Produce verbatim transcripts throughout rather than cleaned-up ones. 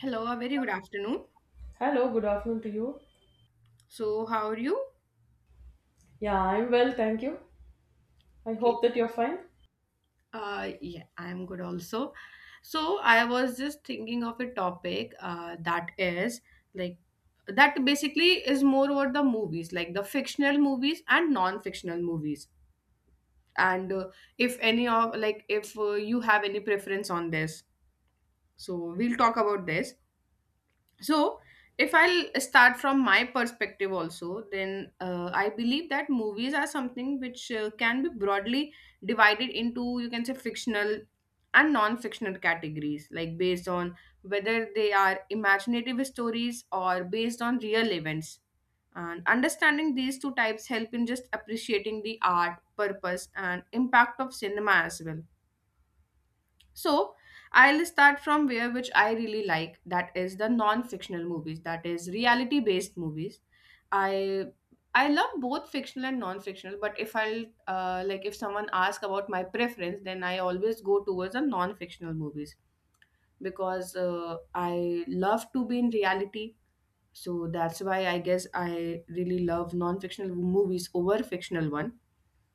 Hello, a very good afternoon. Hello, good afternoon to you. So, how are you? Yeah, I'm well, thank you. I Okay. hope that you're fine. Uh, yeah, I'm good also. So, I was just thinking of a topic uh, that is like that basically is more about the movies, like the fictional movies and non-fictional movies. And uh, if any of like if uh, you have any preference on this, so we'll talk about this. so if i'll start from my perspective also, then uh, I believe that movies are something which uh, can be broadly divided into, you can say, fictional and non-fictional categories, like based on whether they are imaginative stories or based on real events, and understanding these two types help in just appreciating the art purpose and impact of cinema as well. So I'll start from where which I really like, that is the non-fictional movies, that is reality based movies. I I love both fictional and non-fictional, but if I'll uh, like if someone asks about my preference, then I always go towards the non-fictional movies because uh, I love to be in reality. So that's why I guess I really love non-fictional movies over fictional one.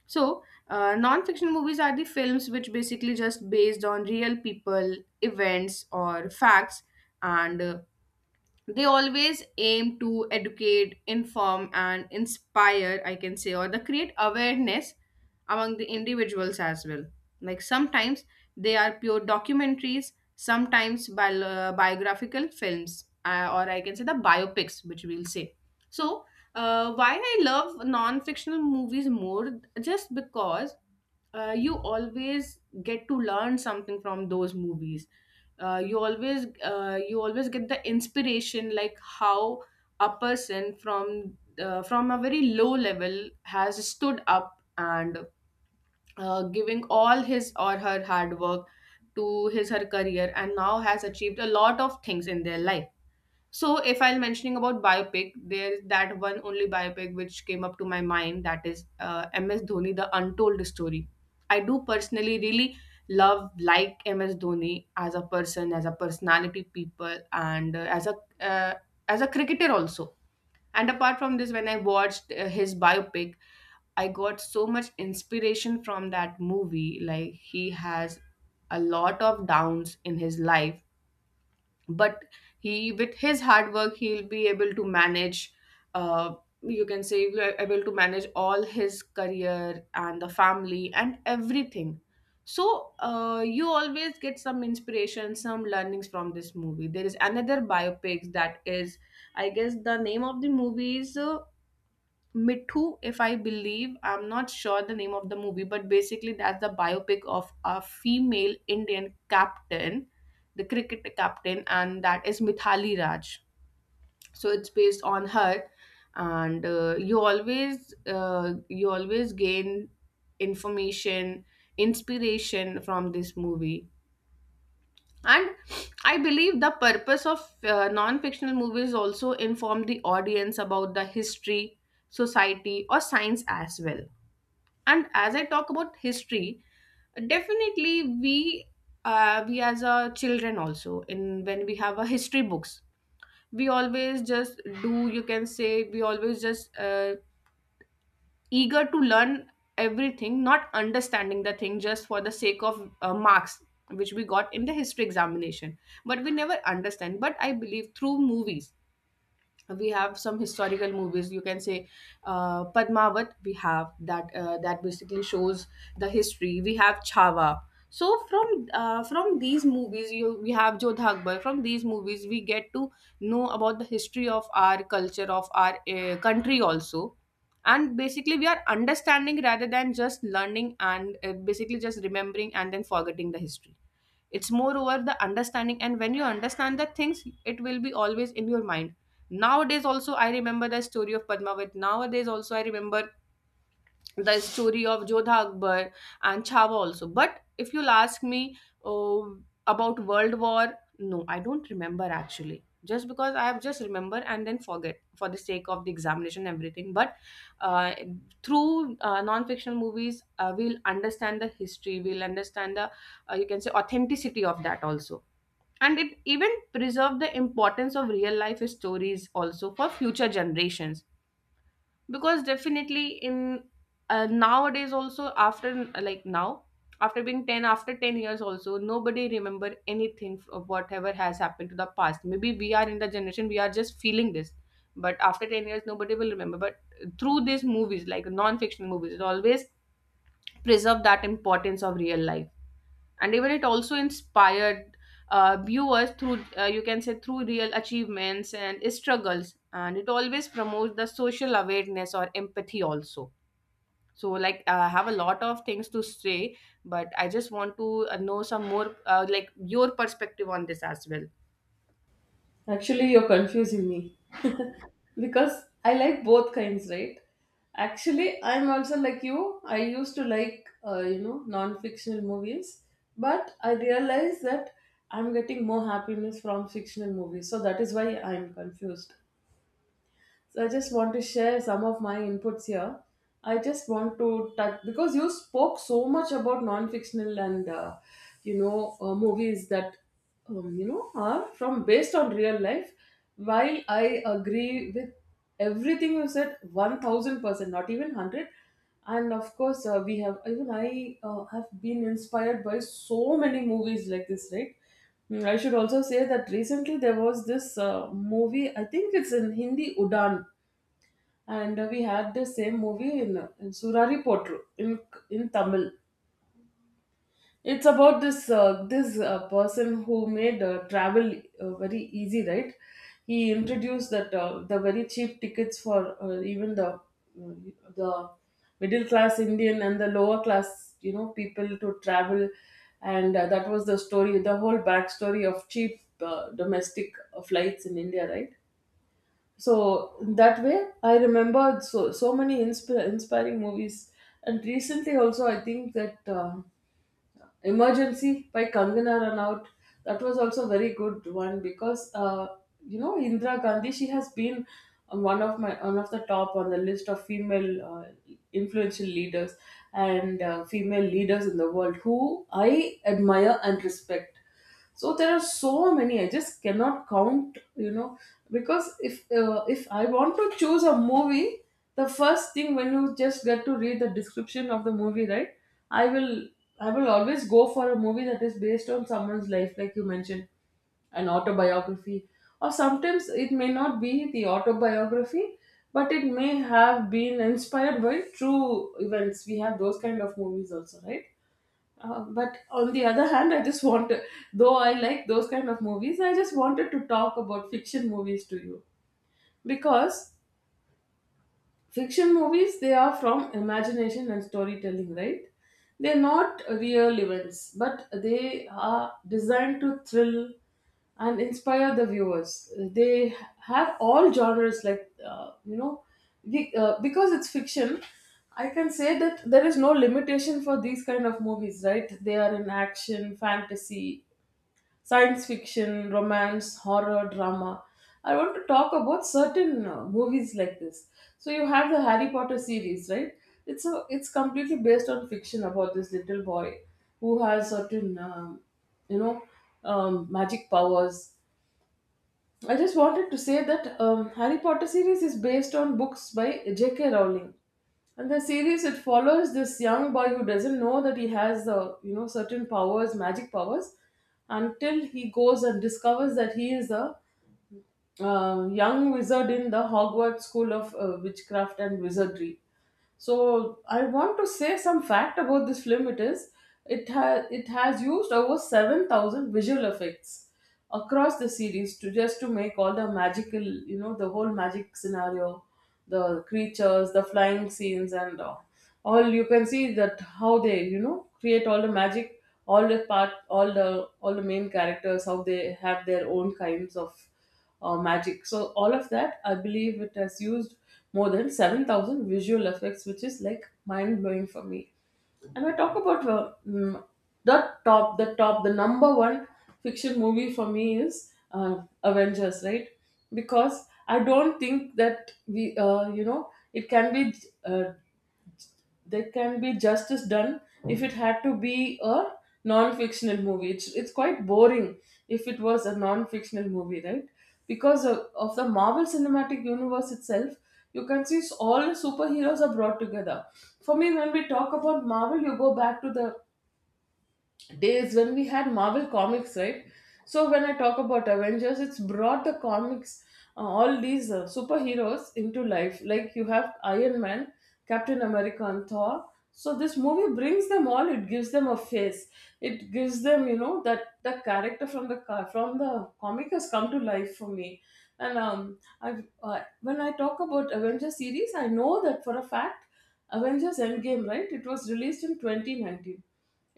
So, uh, non-fiction movies are the films which basically just based on real people, events, or facts, and uh, they always aim to educate, inform and inspire, I can say, or they create awareness among the individuals as well. Like sometimes they are pure documentaries, sometimes bi- uh, biographical films, uh, or I can say the biopics, which we'll say. So uh, why I love non-fictional movies more, just because uh, you always get to learn something from those movies. Uh, you always uh, you always get the inspiration, like how a person from uh, from a very low level has stood up and uh, giving all his or her hard work to his her career, and now has achieved a lot of things in their life. So if I'm mentioning about biopic, there's that one only biopic which came up to my mind, that is uh, M S Dhoni, The Untold Story. I do personally really love like M S Dhoni as a person, as a personality, people, and uh, as a uh, as a cricketer also. And apart from this, when I watched uh, his biopic, I got so much inspiration from that movie. Like he has a lot of downs in his life, but he with his hard work he'll be able to manage uh, you can say he'll be able to manage all his career and the family and everything. So uh, you always get some inspiration, some learnings from this movie. There is another biopic, that is I guess the name of the movie is uh, Mithu, if I believe, I'm not sure the name of the movie, but basically that's the biopic of a female Indian captain, the cricket captain, and that is Mithali Raj. So it's based on her, and uh, you always uh, you always gain information, inspiration from this movie. And I believe the purpose of uh, non-fictional movies also inform the audience about the history, society or science as well. And as I talk about history, definitely we uh, we as a children also in when we have a history books, we always just do, you can say we always just uh, eager to learn everything, not understanding the thing just for the sake of uh, marks, which we got in the history examination. But we never understand. But I believe through movies, we have some historical movies, you can say, uh, padmavat we have that, uh, that basically shows the history, we have Chhava. So from uh, from these movies you we have jodha akbar, from these movies we get to know about the history of our culture, of our uh, country also, and basically we are understanding rather than just learning and uh, basically just remembering and then forgetting the history. It's more over the understanding, and when you understand the things it will be always in your mind. Nowadays also I remember the story of padmavat, nowadays also I remember the story of Jodha Akbar and Chhawa also. But if you'll ask me oh, about World War, no, I don't remember actually. Just because I have just remember and then forget for the sake of the examination and everything. But uh, through uh, non-fictional movies, uh, we'll understand the history. We'll understand the uh, you can say authenticity of that also. And it even preserve the importance of real life stories also for future generations, because definitely in uh, nowadays also after like now after being ten after ten years also nobody remember anything of whatever has happened to the past, maybe we are in the generation we are just feeling this, but after ten years nobody will remember. But through these movies, like non-fictional movies, it always preserve that importance of real life, and even it also inspired uh, viewers through uh, you can say through real achievements and struggles, and it always promotes the social awareness or empathy also. So like uh, I have a lot of things to say, but I just want to uh, know some more uh, like your perspective on this as well. Actually, you're confusing me because I like both kinds, right? Actually, I'm also like you. I used to like, uh, you know, non fictional movies, but I realized that I'm getting more happiness from fictional movies, so that is why I'm confused. So I just want to share some of my inputs here. I just want to touch because you spoke so much about non-fictional and uh, you know uh, movies that um, you know are from based on real life. While I agree with everything you said, one thousand percent, not even hundred. And of course, uh, we have even I uh, have been inspired by so many movies like this, right? Mm, I should also say that recently there was this uh, movie, I think it's in Hindi, Udan, and uh, we had the same movie in, uh, in Surari Potru in, in Tamil. It's about this uh, this uh, person who made uh, travel uh, very easy, right? He introduced that uh, the very cheap tickets for uh, even the uh, the middle class Indian and the lower class, you know, people to travel, and uh, that was the story, the whole backstory of cheap uh, domestic uh, flights in India, right? So that way, I remember so so many insp- inspiring movies. And recently, also, I think that uh, Emergency by Kangana Ranaut. That was also a very good one because uh, you know Indira Gandhi. She has been um, one of my one of the top on the list of female uh, influential leaders and uh, female leaders in the world who I admire and respect. So there are so many, I just cannot count, you know, because if uh, if I want to choose a movie, the first thing when you just get to read the description of the movie, right, i will i will always go for a movie that is based on someone's life, like you mentioned, an autobiography. Or sometimes it may not be the autobiography, but it may have been inspired by true events. We have those kind of movies also, right? Uh, but on the other hand, I just want to, though I like those kind of movies, I just wanted to talk about fiction movies to you, because fiction movies, they are from imagination and storytelling, right? They're not real events, but they are designed to thrill and inspire the viewers. They have all genres, like uh, you know be- uh, because it's fiction. I can say that there is no limitation for these kind of movies, right? They are in action, fantasy, science fiction, romance, horror, drama. I want to talk about certain uh, movies like this. So you have the Harry Potter series, right? It's a, it's completely based on fiction about this little boy who has certain um, you know um, magic powers. I just wanted to say that um, Harry Potter series is based on books by J K. Rowling, and the series, it follows this young boy who doesn't know that he has uh, you know certain powers, magic powers, until he goes and discovers that he is a uh, young wizard in the Hogwarts School of uh, Witchcraft and Wizardry. So I want to say some fact about this film. It is it has it has used over seven thousand visual effects across the series to just to make all the magical, you know the whole magic scenario, the creatures, the flying scenes, and uh, all you can see that how they, you know create all the magic, all the part, all the all the main characters, how they have their own kinds of uh, magic. So all of that, I believe it has used more than seven thousand visual effects, which is like mind blowing for me. And I talk about uh, mm, the top, the top, the number one fiction movie for me is uh, Avengers, right? Because I don't think that we, uh, you know, it can be uh, there can be justice done if it had to be a non-fictional movie. It's, it's quite boring if it was a non-fictional movie, right? Because of, of the Marvel Cinematic Universe itself, you can see s- all the superheroes are brought together. For me, when we talk about Marvel, you go back to the days when we had Marvel comics, right? So when I talk about Avengers, it's brought the comics, uh, all these uh, superheroes into life. Like you have Iron Man, Captain America, and Thor. So this movie brings them all. It gives them a face. It gives them, you know, that the character from the ca- from the comic has come to life for me. And um, I uh, when I talk about Avengers series, I know that for a fact, Avengers Endgame, right? It was released in twenty nineteen.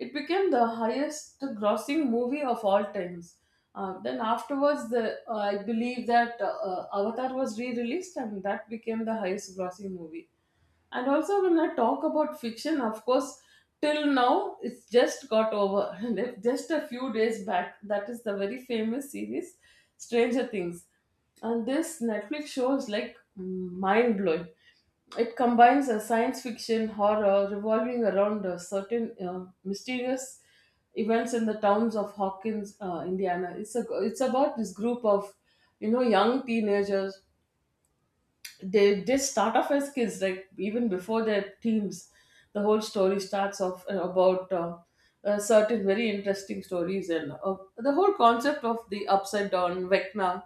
It became the highest grossing movie of all times. Uh, then afterwards, the, uh, I believe that uh, Avatar was re-released, and that became the highest grossing movie. And also, when I talk about fiction, of course, till now it's just got over. And if just a few days back, that is the very famous series, Stranger Things. And this Netflix show is like mind blowing. It combines a science fiction horror revolving around uh, certain uh, mysterious events in the towns of Hawkins, uh, Indiana. It's a, it's about this group of, you know young teenagers. They they start off as kids, like even before their teens. The whole story starts off uh, about uh, uh, certain very interesting stories, and uh, the whole concept of the upside down Vecna,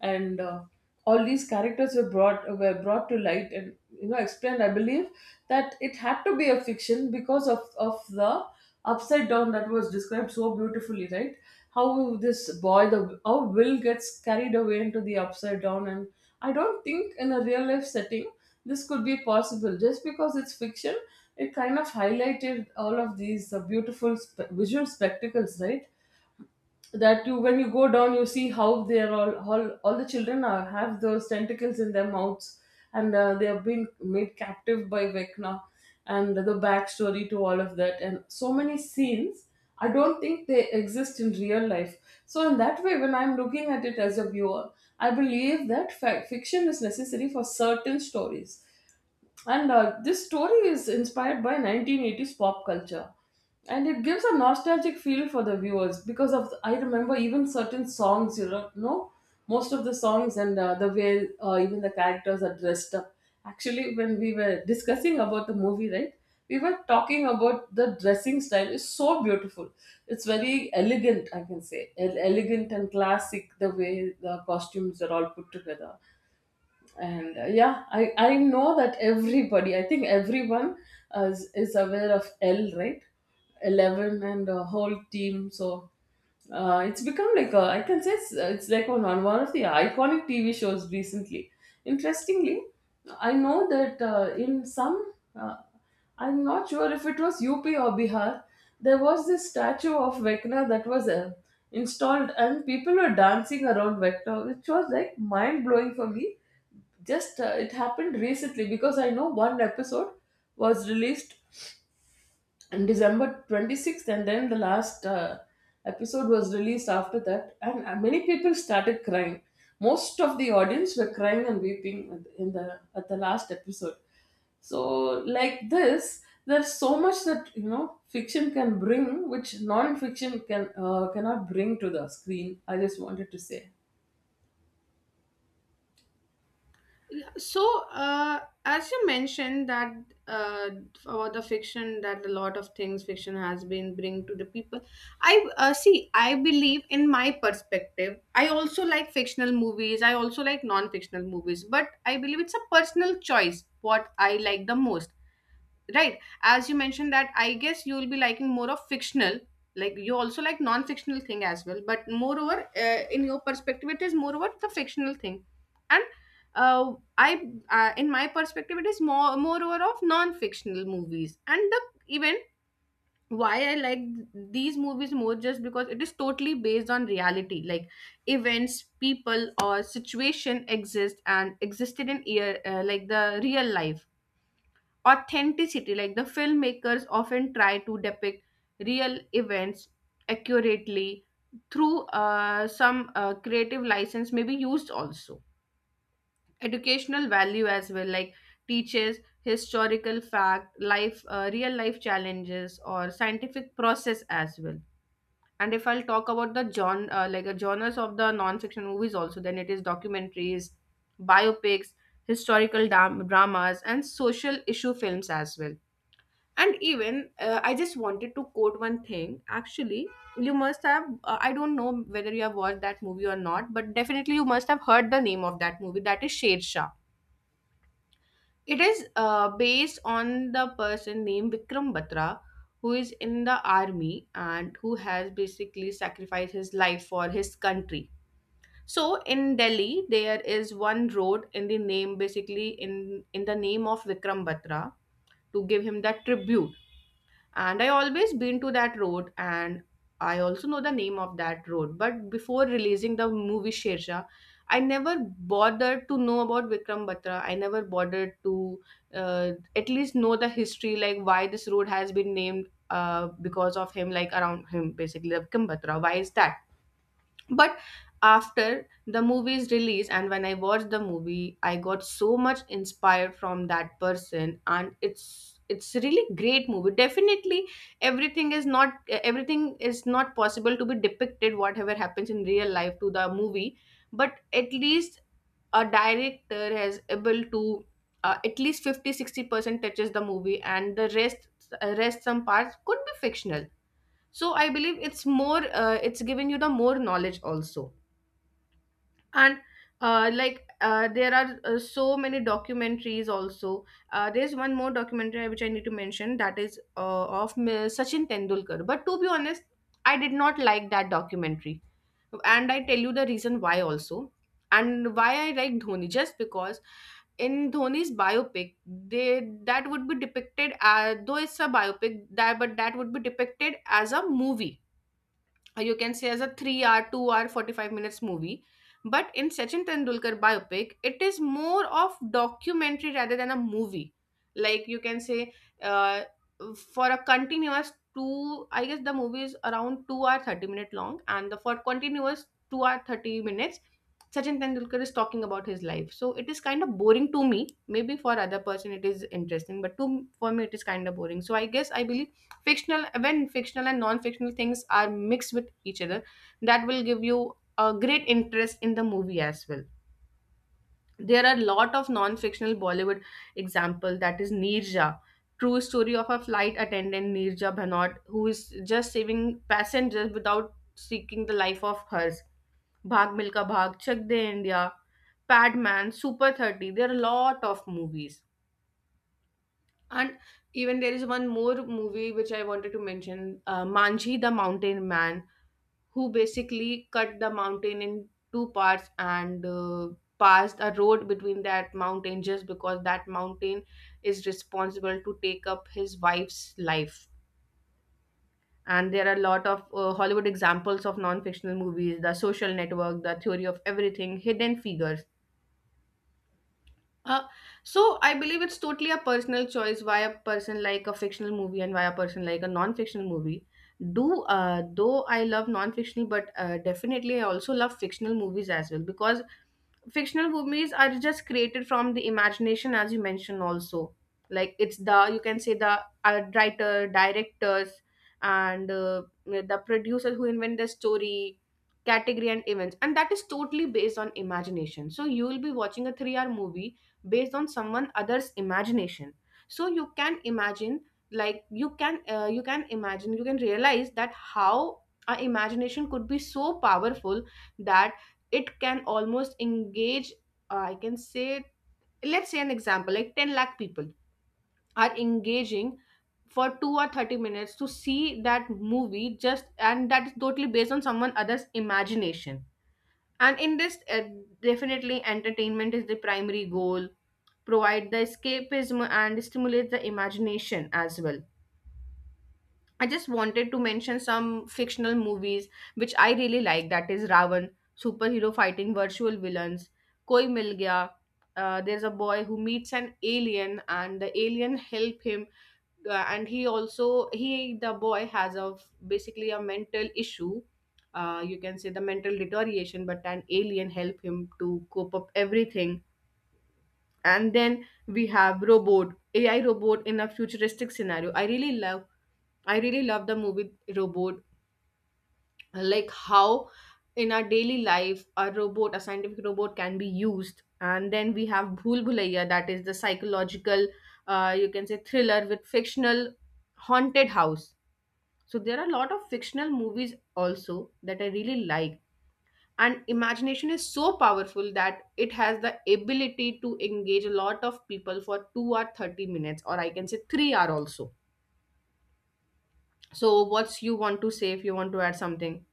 and uh, all these characters were brought were brought to light and, you know explained. I believe that it had to be a fiction because of of the upside down that was described so beautifully, right? How this boy the how Will gets carried away into the upside down, and I don't think in a real life setting this could be possible. Just because it's fiction, it kind of highlighted all of these uh, beautiful spe- visual spectacles, right? That you, when you go down, you see how they're all all, all the children are, have those tentacles in their mouths, and uh, they have been made captive by Vecna, and the backstory to all of that, and so many scenes, I don't think they exist in real life. So in that way, when I'm looking at it as a viewer, I believe that fa- fiction is necessary for certain stories, and uh, this story is inspired by nineteen eighties pop culture. And it gives a nostalgic feel for the viewers, because of I remember even certain songs, you know, know, most of the songs, and uh, the way uh, even the characters are dressed up. Actually, when we were discussing about the movie, right, we were talking about the dressing style is so beautiful. It's very elegant, I can say, El- elegant and classic, the way the costumes are all put together. And uh, yeah, i i know that everybody, I think everyone, uh, is, is aware of L, right? eleven and the whole team. So uh, it's become like a, I can say it's, it's like on, on one of the iconic T V shows recently. Interestingly, I know that uh, in some uh, I'm not sure if it was U P or Bihar. There was this statue of Vecna that was uh, installed, and people were dancing around Vecna, which was like mind blowing for me. Just uh, it happened recently because I know one episode was released and December twenty-sixth, and then the last uh, episode was released after that, and uh, many people started crying. Most of the audience were crying and weeping in the at the last episode. So, like this, there's so much that, you know fiction can bring, which non-fiction can uh, cannot bring to the screen. I just wanted to say. Yeah, so uh, as you mentioned that uh, about the fiction that a lot of things fiction has been bring to the people. I uh, see I believe in my perspective, I also like fictional movies, I also like non-fictional movies, but I believe it's a personal choice what I like the most. Right. As you mentioned that, I guess you will be liking more of fictional. Like you also like non-fictional thing as well, but moreover, uh, in your perspective, it is moreover the fictional thing, and uh, I, uh, in my perspective, it is more moreover of non-fictional movies, and the even why I like these movies more, just because it is totally based on reality, like events, people, or situation exist and existed in ear uh, like the real life authenticity, like the filmmakers often try to depict real events accurately through uh, some uh, creative license may be used also. Educational value as well, like teaches historical fact life, uh, real life challenges or scientific process as well. And if I'll talk about the genre, uh, like the genres of the non-fiction movies also, then it is documentaries, biopics, historical dam- dramas and social issue films as well. And even uh, I just wanted to quote one thing actually. You must have uh, I don't know whether you have watched that movie or not, but definitely you must have heard the name of that movie, that is sher shah. It is uh, based on the person named vikram batra, who is in the army and who has basically sacrificed his life for his country. So in delhi there is one road in the name, basically in in the name of vikram batra, to give him that tribute. And I always been to that road, and I also know the name of that road, but before releasing the movie sherja, I never bothered to know about vikram batra. I never bothered to uh, at least know the history, like why this road has been named uh, because of him, like around him, basically the vikram batra, why is that. But after the movie's release and when I watched the movie, I got so much inspired from that person, and it's it's really great movie. Definitely everything is not everything is not possible to be depicted whatever happens in real life to the movie, but at least a director has able to uh, at least fifty sixty percent touches the movie, and the rest uh, rest some parts could be fictional. So I believe it's more uh, it's giving you the more knowledge also. And uh, like uh, there are uh, so many documentaries also. Uh, there's one more documentary which I need to mention, that is uh, of M- sachin tendulkar. But to be honest, I did not like that documentary, and I tell you the reason why also. And why I like dhoni, just because in Dhoni's biopic, they that would be depicted as though it's a biopic that, but that would be depicted as a movie, uh, you can say as a three hour two hour forty-five minutes movie. But in sachin tendulkar biopic, it is more of documentary rather than a movie, like you can say uh, for a continuous two I guess the movie is around two hour thirty minute long, and the for continuous two hour thirty minutes sachin tendulkar is talking about his life, so it is kind of boring to me. Maybe for other person it is interesting, but to for me it is kind of boring. So I guess I believe fictional when fictional and non-fictional things are mixed with each other, that will give you a great interest in the movie as well. There are a lot of non-fictional bollywood example That is Nirja, true story of a flight attendant Nirja Bhanot, who is just saving passengers without seeking the life of hers. Bhag Milka Bhag, Chak De India, Padman, Super thirty. There are a lot of movies. And even there is one more movie which I wanted to mention, uh, Manji the Mountain Man, who basically cut the mountain in two parts and uh, passed a road between that mountain just because that mountain is responsible to take up his wife's life. And there are a lot of uh, Hollywood examples of non fictional movies: The Social Network, The Theory of Everything, Hidden Figures. Uh, so I believe it's totally a personal choice why a person like a fictional movie and why a person like a non-fictional movie. Do uh, Though I love non-fictional, but uh, definitely I also love fictional movies as well, because fictional movies are just created from the imagination, as you mentioned also. Like, it's the you can say, the uh, writer, directors, and uh, the producer who invent the story, category, and events, and that is totally based on imagination. So you will be watching a three-hour movie based on someone other's imagination, so you can imagine, like you can uh, you can imagine, you can realize that how our imagination could be so powerful that it can almost engage, uh, I can say, let's say an example like 10 lakh people are engaging for two or thirty minutes to see that movie just, and that is totally based on someone other's imagination. And in this, uh, definitely entertainment is the primary goal: provide the escapism and stimulate the imagination as well. I just wanted to mention some fictional movies which I really like. That is Ravan, superhero fighting virtual villains; Koi Mil Gaya, Uh, there's a boy who meets an alien, and the alien help him, uh, and he also he the boy has, a basically, a mental issue, uh, you can say the mental deterioration, but an alien help him to cope up everything. And then we have Robot, AI robot in a futuristic scenario. I really love i really love the movie Robot, like how in our daily life a robot, a scientific robot, can be used. And then we have Bhool Bhulaiya, that is the psychological, uh, you can say, thriller with fictional haunted house. So there are a lot of fictional movies also that I really like. And imagination is so powerful that it has the ability to engage a lot of people for two or thirty minutes, or I can say three hour also. So what's you want to say if you want to add something?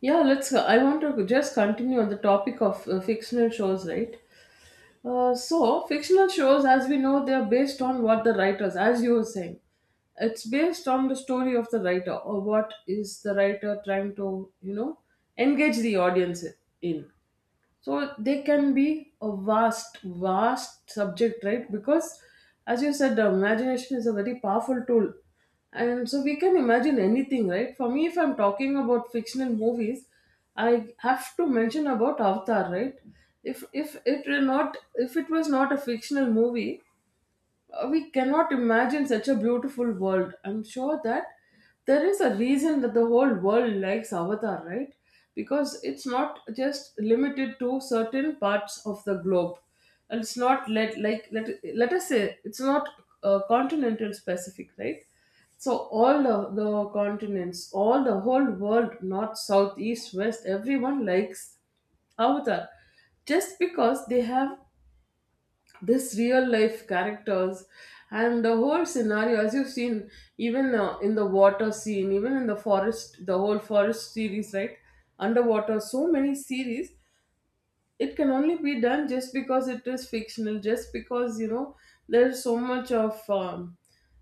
Yeah, let's. I want to just continue on the topic of uh, fictional shows, right? Uh, so fictional shows, as we know, they are based on what the writers, as you were saying, it's based on the story of the writer, or what is the writer trying to, you know, engage the audience in. So they can be a vast vast subject, right? Because as you said, the imagination is a very powerful tool, and so we can imagine anything, right? For me, if I'm talking about fictional movies, I have to mention about Avatar, right? If if it were not, if it was not a fictional movie, uh, we cannot imagine such a beautiful world. I'm sure that there is a reason that the whole world likes Avatar, right? Because it's not just limited to certain parts of the globe, and it's not let like let let us say it's not uh, continental specific, right? So all the, the continents, all the whole world, north, south, east, west, everyone likes Avatar just because they have this real life characters and the whole scenario as you've seen, even uh, in the water scene, even in the forest, the whole forest series, right? Underwater, so many series. It can only be done just because it is fictional, just because you know there's so much of um,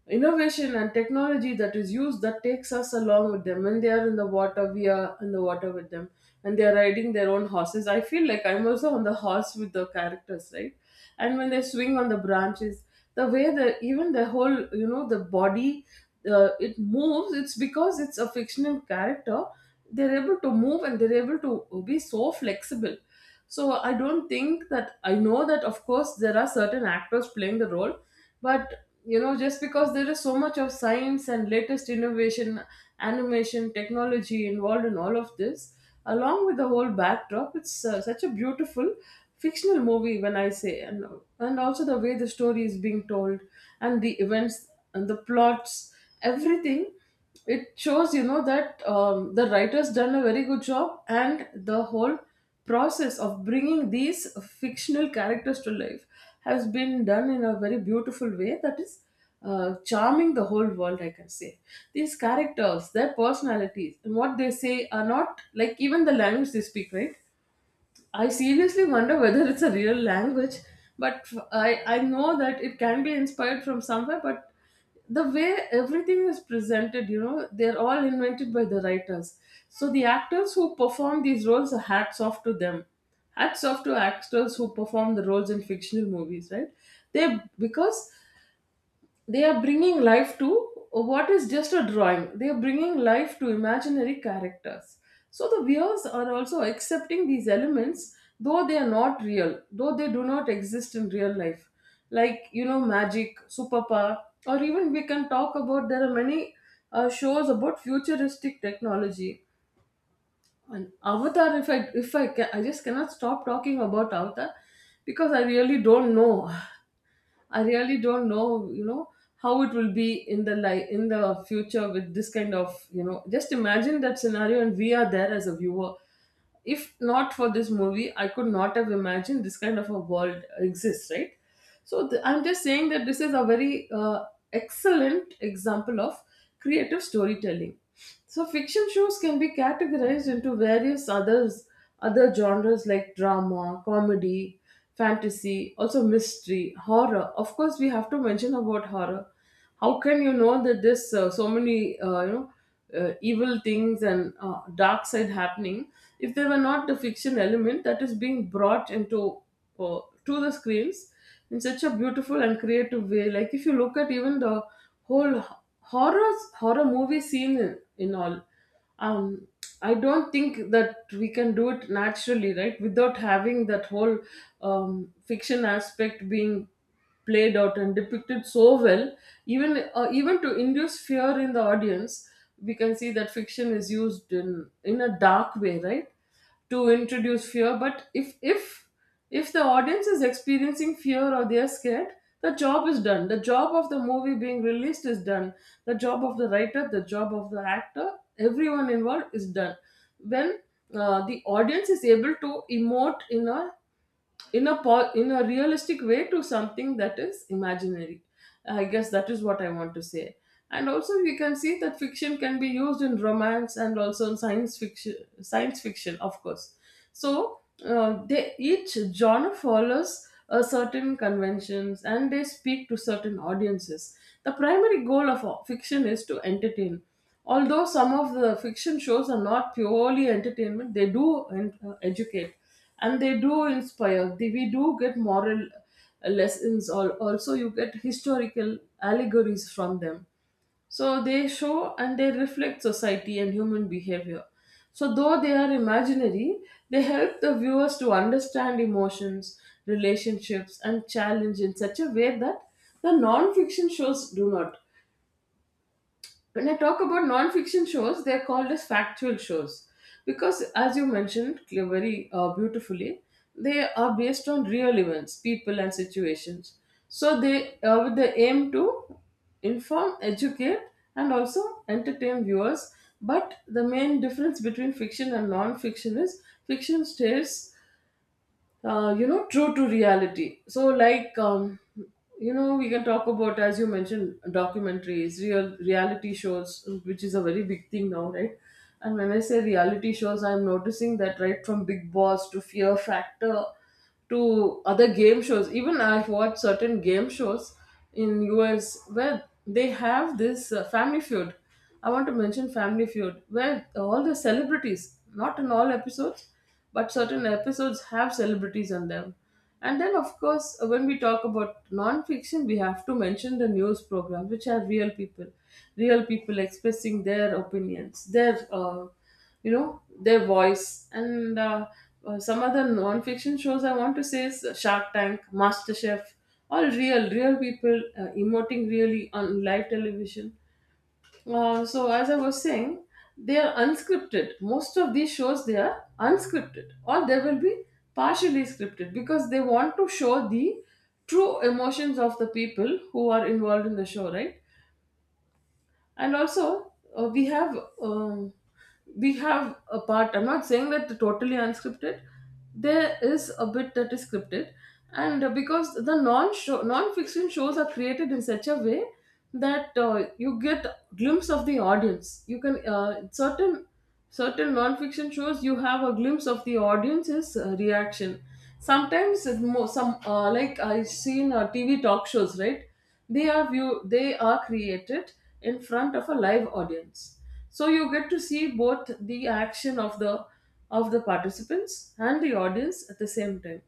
innovation and technology that is used that takes us along with them. When they are in the water, we are in the water with them. And they are riding their own horses, I feel like I'm also on the horse with the characters, right? And when they swing on the branches, the way the even the whole you know the body, uh, it moves. It's because it's a fictional character, they're able to move and they're able to be so flexible. So I don't think that, I know that of course there are certain actors playing the role, but you know just because there is so much of science and latest innovation, animation technology involved in all of this, along with the whole backdrop, it's uh, such a beautiful fictional movie, when I say. And and also the way the story is being told, and the events, and the plots, everything, it shows you know that um, the writer's done a very good job. And the whole process of bringing these fictional characters to life has been done in a very beautiful way that is uh, charming the whole world, I can say. These characters, their personalities and what they say are not like, even the language they speak, right? I seriously wonder whether it's a real language, but I, I know that it can be inspired from somewhere, but the way everything is presented, you know, they're all invented by the writers. So the actors who perform these roles, hats off to them. Hats off to actors who perform the roles in fictional movies, right? They, because they are bringing life to, oh, what is just a drawing, they are bringing life to imaginary characters. So the viewers are also accepting these elements, though they are not real, though they do not exist in real life, like you know magic, superpower, or even we can talk about, there are many uh, shows about futuristic technology. And Avatar, if i if I can, I just cannot stop talking about Avatar, because I really don't know. I really don't know, you know, how it will be in the life in the future with this kind of, you know, just imagine that scenario and we are there as a viewer. If not for this movie, I could not have imagined this kind of a world exists, right? So th- I'm just saying that this is a very uh, excellent example of creative storytelling. So fiction shows can be categorized into various others, other genres like drama, comedy, fantasy, also mystery, horror. Of course, we have to mention about horror. How can you know that this, uh, so many, uh, you know uh, evil things and uh, dark side happening, if they were not the fiction element that is being brought into, uh, to the screens in such a beautiful and creative way. Like if you look at even the whole horror horror movie scene in, in all, um I don't think that we can do it naturally, right, without having that whole um, fiction aspect being played out and depicted so well. Even uh, even to induce fear in the audience, we can see that fiction is used in in a dark way, right, to introduce fear. But if if if the audience is experiencing fear or they are scared, the job is done. The job of the movie being released is done, the job of the writer, the job of the actor, everyone involved is done, when uh, the audience is able to emote in a in a po- in a realistic way to something that is imaginary. I guess that is what I want to say. And also we can see that fiction can be used in romance and also in science fiction. Science fiction, of course. So uh, they, each genre follows a certain conventions, and they speak to certain audiences. The primary goal of uh, fiction is to entertain, although some of the fiction shows are not purely entertainment. They do en- uh, educate, and they do inspire. They- we do get moral lessons, or also you get historical allegories from them. So they show and they reflect society and human behavior. So though they are imaginary, they help the viewers to understand emotions, relationships, and challenge in such a way that the non-fiction shows do not. When I talk about non-fiction shows, they're called as factual shows because, as you mentioned, cl- very uh, beautifully, they are based on real events, people, and situations. So they, uh, with the aim to inform, educate, and also entertain viewers. But the main difference between fiction and non-fiction is, fiction stays uh, you know true to reality. So like, um, you know we can talk about, as you mentioned, documentaries, real reality shows, which is a very big thing now, right? And when I say reality shows, I'm noticing that, right from Big Boss to Fear Factor to other game shows. Even I've watched certain game shows in U S where they have this uh, Family Feud. I want to mention Family Feud, where all the celebrities, not in all episodes, but certain episodes have celebrities on them. And then, of course, when we talk about non-fiction, we have to mention the news programs, which are real people, real people expressing their opinions, their, uh, you know their voice, and uh, uh, some other non-fiction shows I want to say is Shark Tank, MasterChef, all real real people uh, emoting really on live television. Uh, so as I was saying, they are unscripted, most of these shows, they are unscripted, or they will be partially scripted, because they want to show the true emotions of the people who are involved in the show, right? And also uh, we have, um, we have a part, I'm not saying that totally unscripted, there is a bit that is scripted. And uh, because the non show non-fiction shows are created in such a way that uh, you get glimpse of the audience. You can, uh, certain, certain non-fiction shows, you have a glimpse of the audience's uh, reaction. Sometimes it mo- some uh, like I've seen uh, TV talk shows, right? They are view they are created in front of a live audience, so you get to see both the action of the, of the participants and the audience at the same time.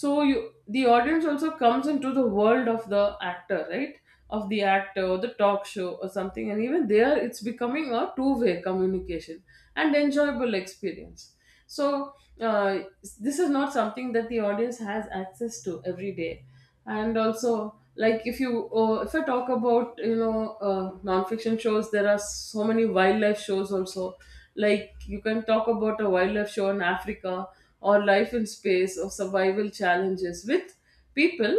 So you, the audience also comes into the world of the actor, right? Of the actor or the talk show or something, and even there it's becoming a two-way communication and enjoyable experience. So uh, this is not something that the audience has access to every day. And also, like, if you, uh, if i talk about, you know uh, non-fiction shows, there are so many wildlife shows also. Like, you can talk about a wildlife show in Africa, or life in space, or survival challenges with people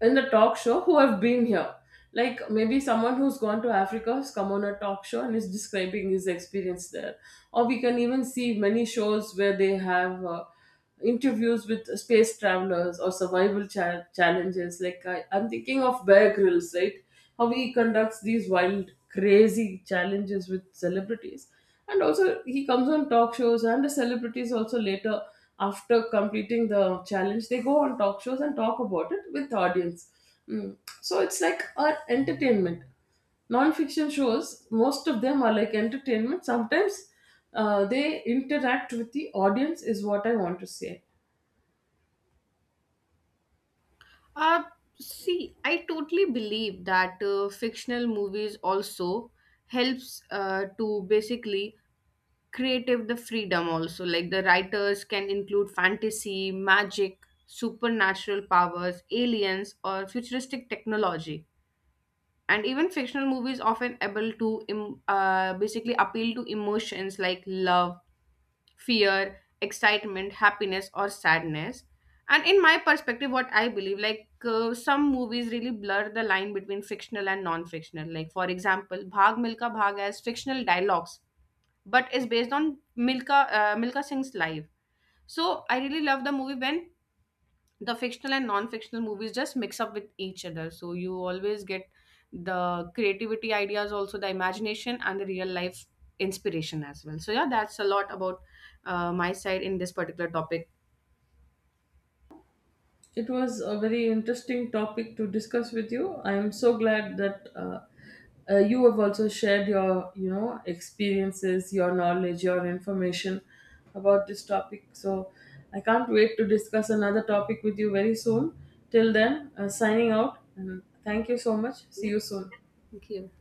in the talk show who have been here. Like maybe someone who's gone to Africa has come on a talk show and is describing his experience there. Or we can even see many shows where they have uh, interviews with space travelers or survival cha- challenges. Like I, I'm thinking of Bear Grylls, right? How he conducts these wild, crazy challenges with celebrities. And also, he comes on talk shows, and the celebrities also later, after completing the challenge, they go on talk shows and talk about it with the audience. Mm. So it's like an entertainment. Non-fiction shows, most of them are like entertainment. Sometimes uh, they interact with the audience, is what I want to say. Uh, See, I totally believe that uh, fictional movies also helps uh, to, basically, creative the freedom also, like the writers can include fantasy, magic, supernatural powers, aliens, or futuristic technology. And even fictional movies often able to em- uh, basically appeal to emotions like love, fear, excitement, happiness, or sadness. And in my perspective, what I believe, like, uh, some movies really blur the line between fictional and non-fictional, like for example Bhag Milka Bhag has fictional dialogues but is based on Milka uh, Milka Singh's life. So I really love the movie when the fictional and non-fictional movies just mix up with each other. So you always get the creativity ideas, also the imagination and the real life inspiration as well. So yeah, that's a lot about uh, my side in this particular topic. It was a very interesting topic to discuss with you. I am so glad that uh, uh, you have also shared your, you know, experiences, your knowledge, your information about this topic. So I can't wait to discuss another topic with you very soon. Till then, uh, signing out, and thank you so much. See Yeah, you soon. thank you.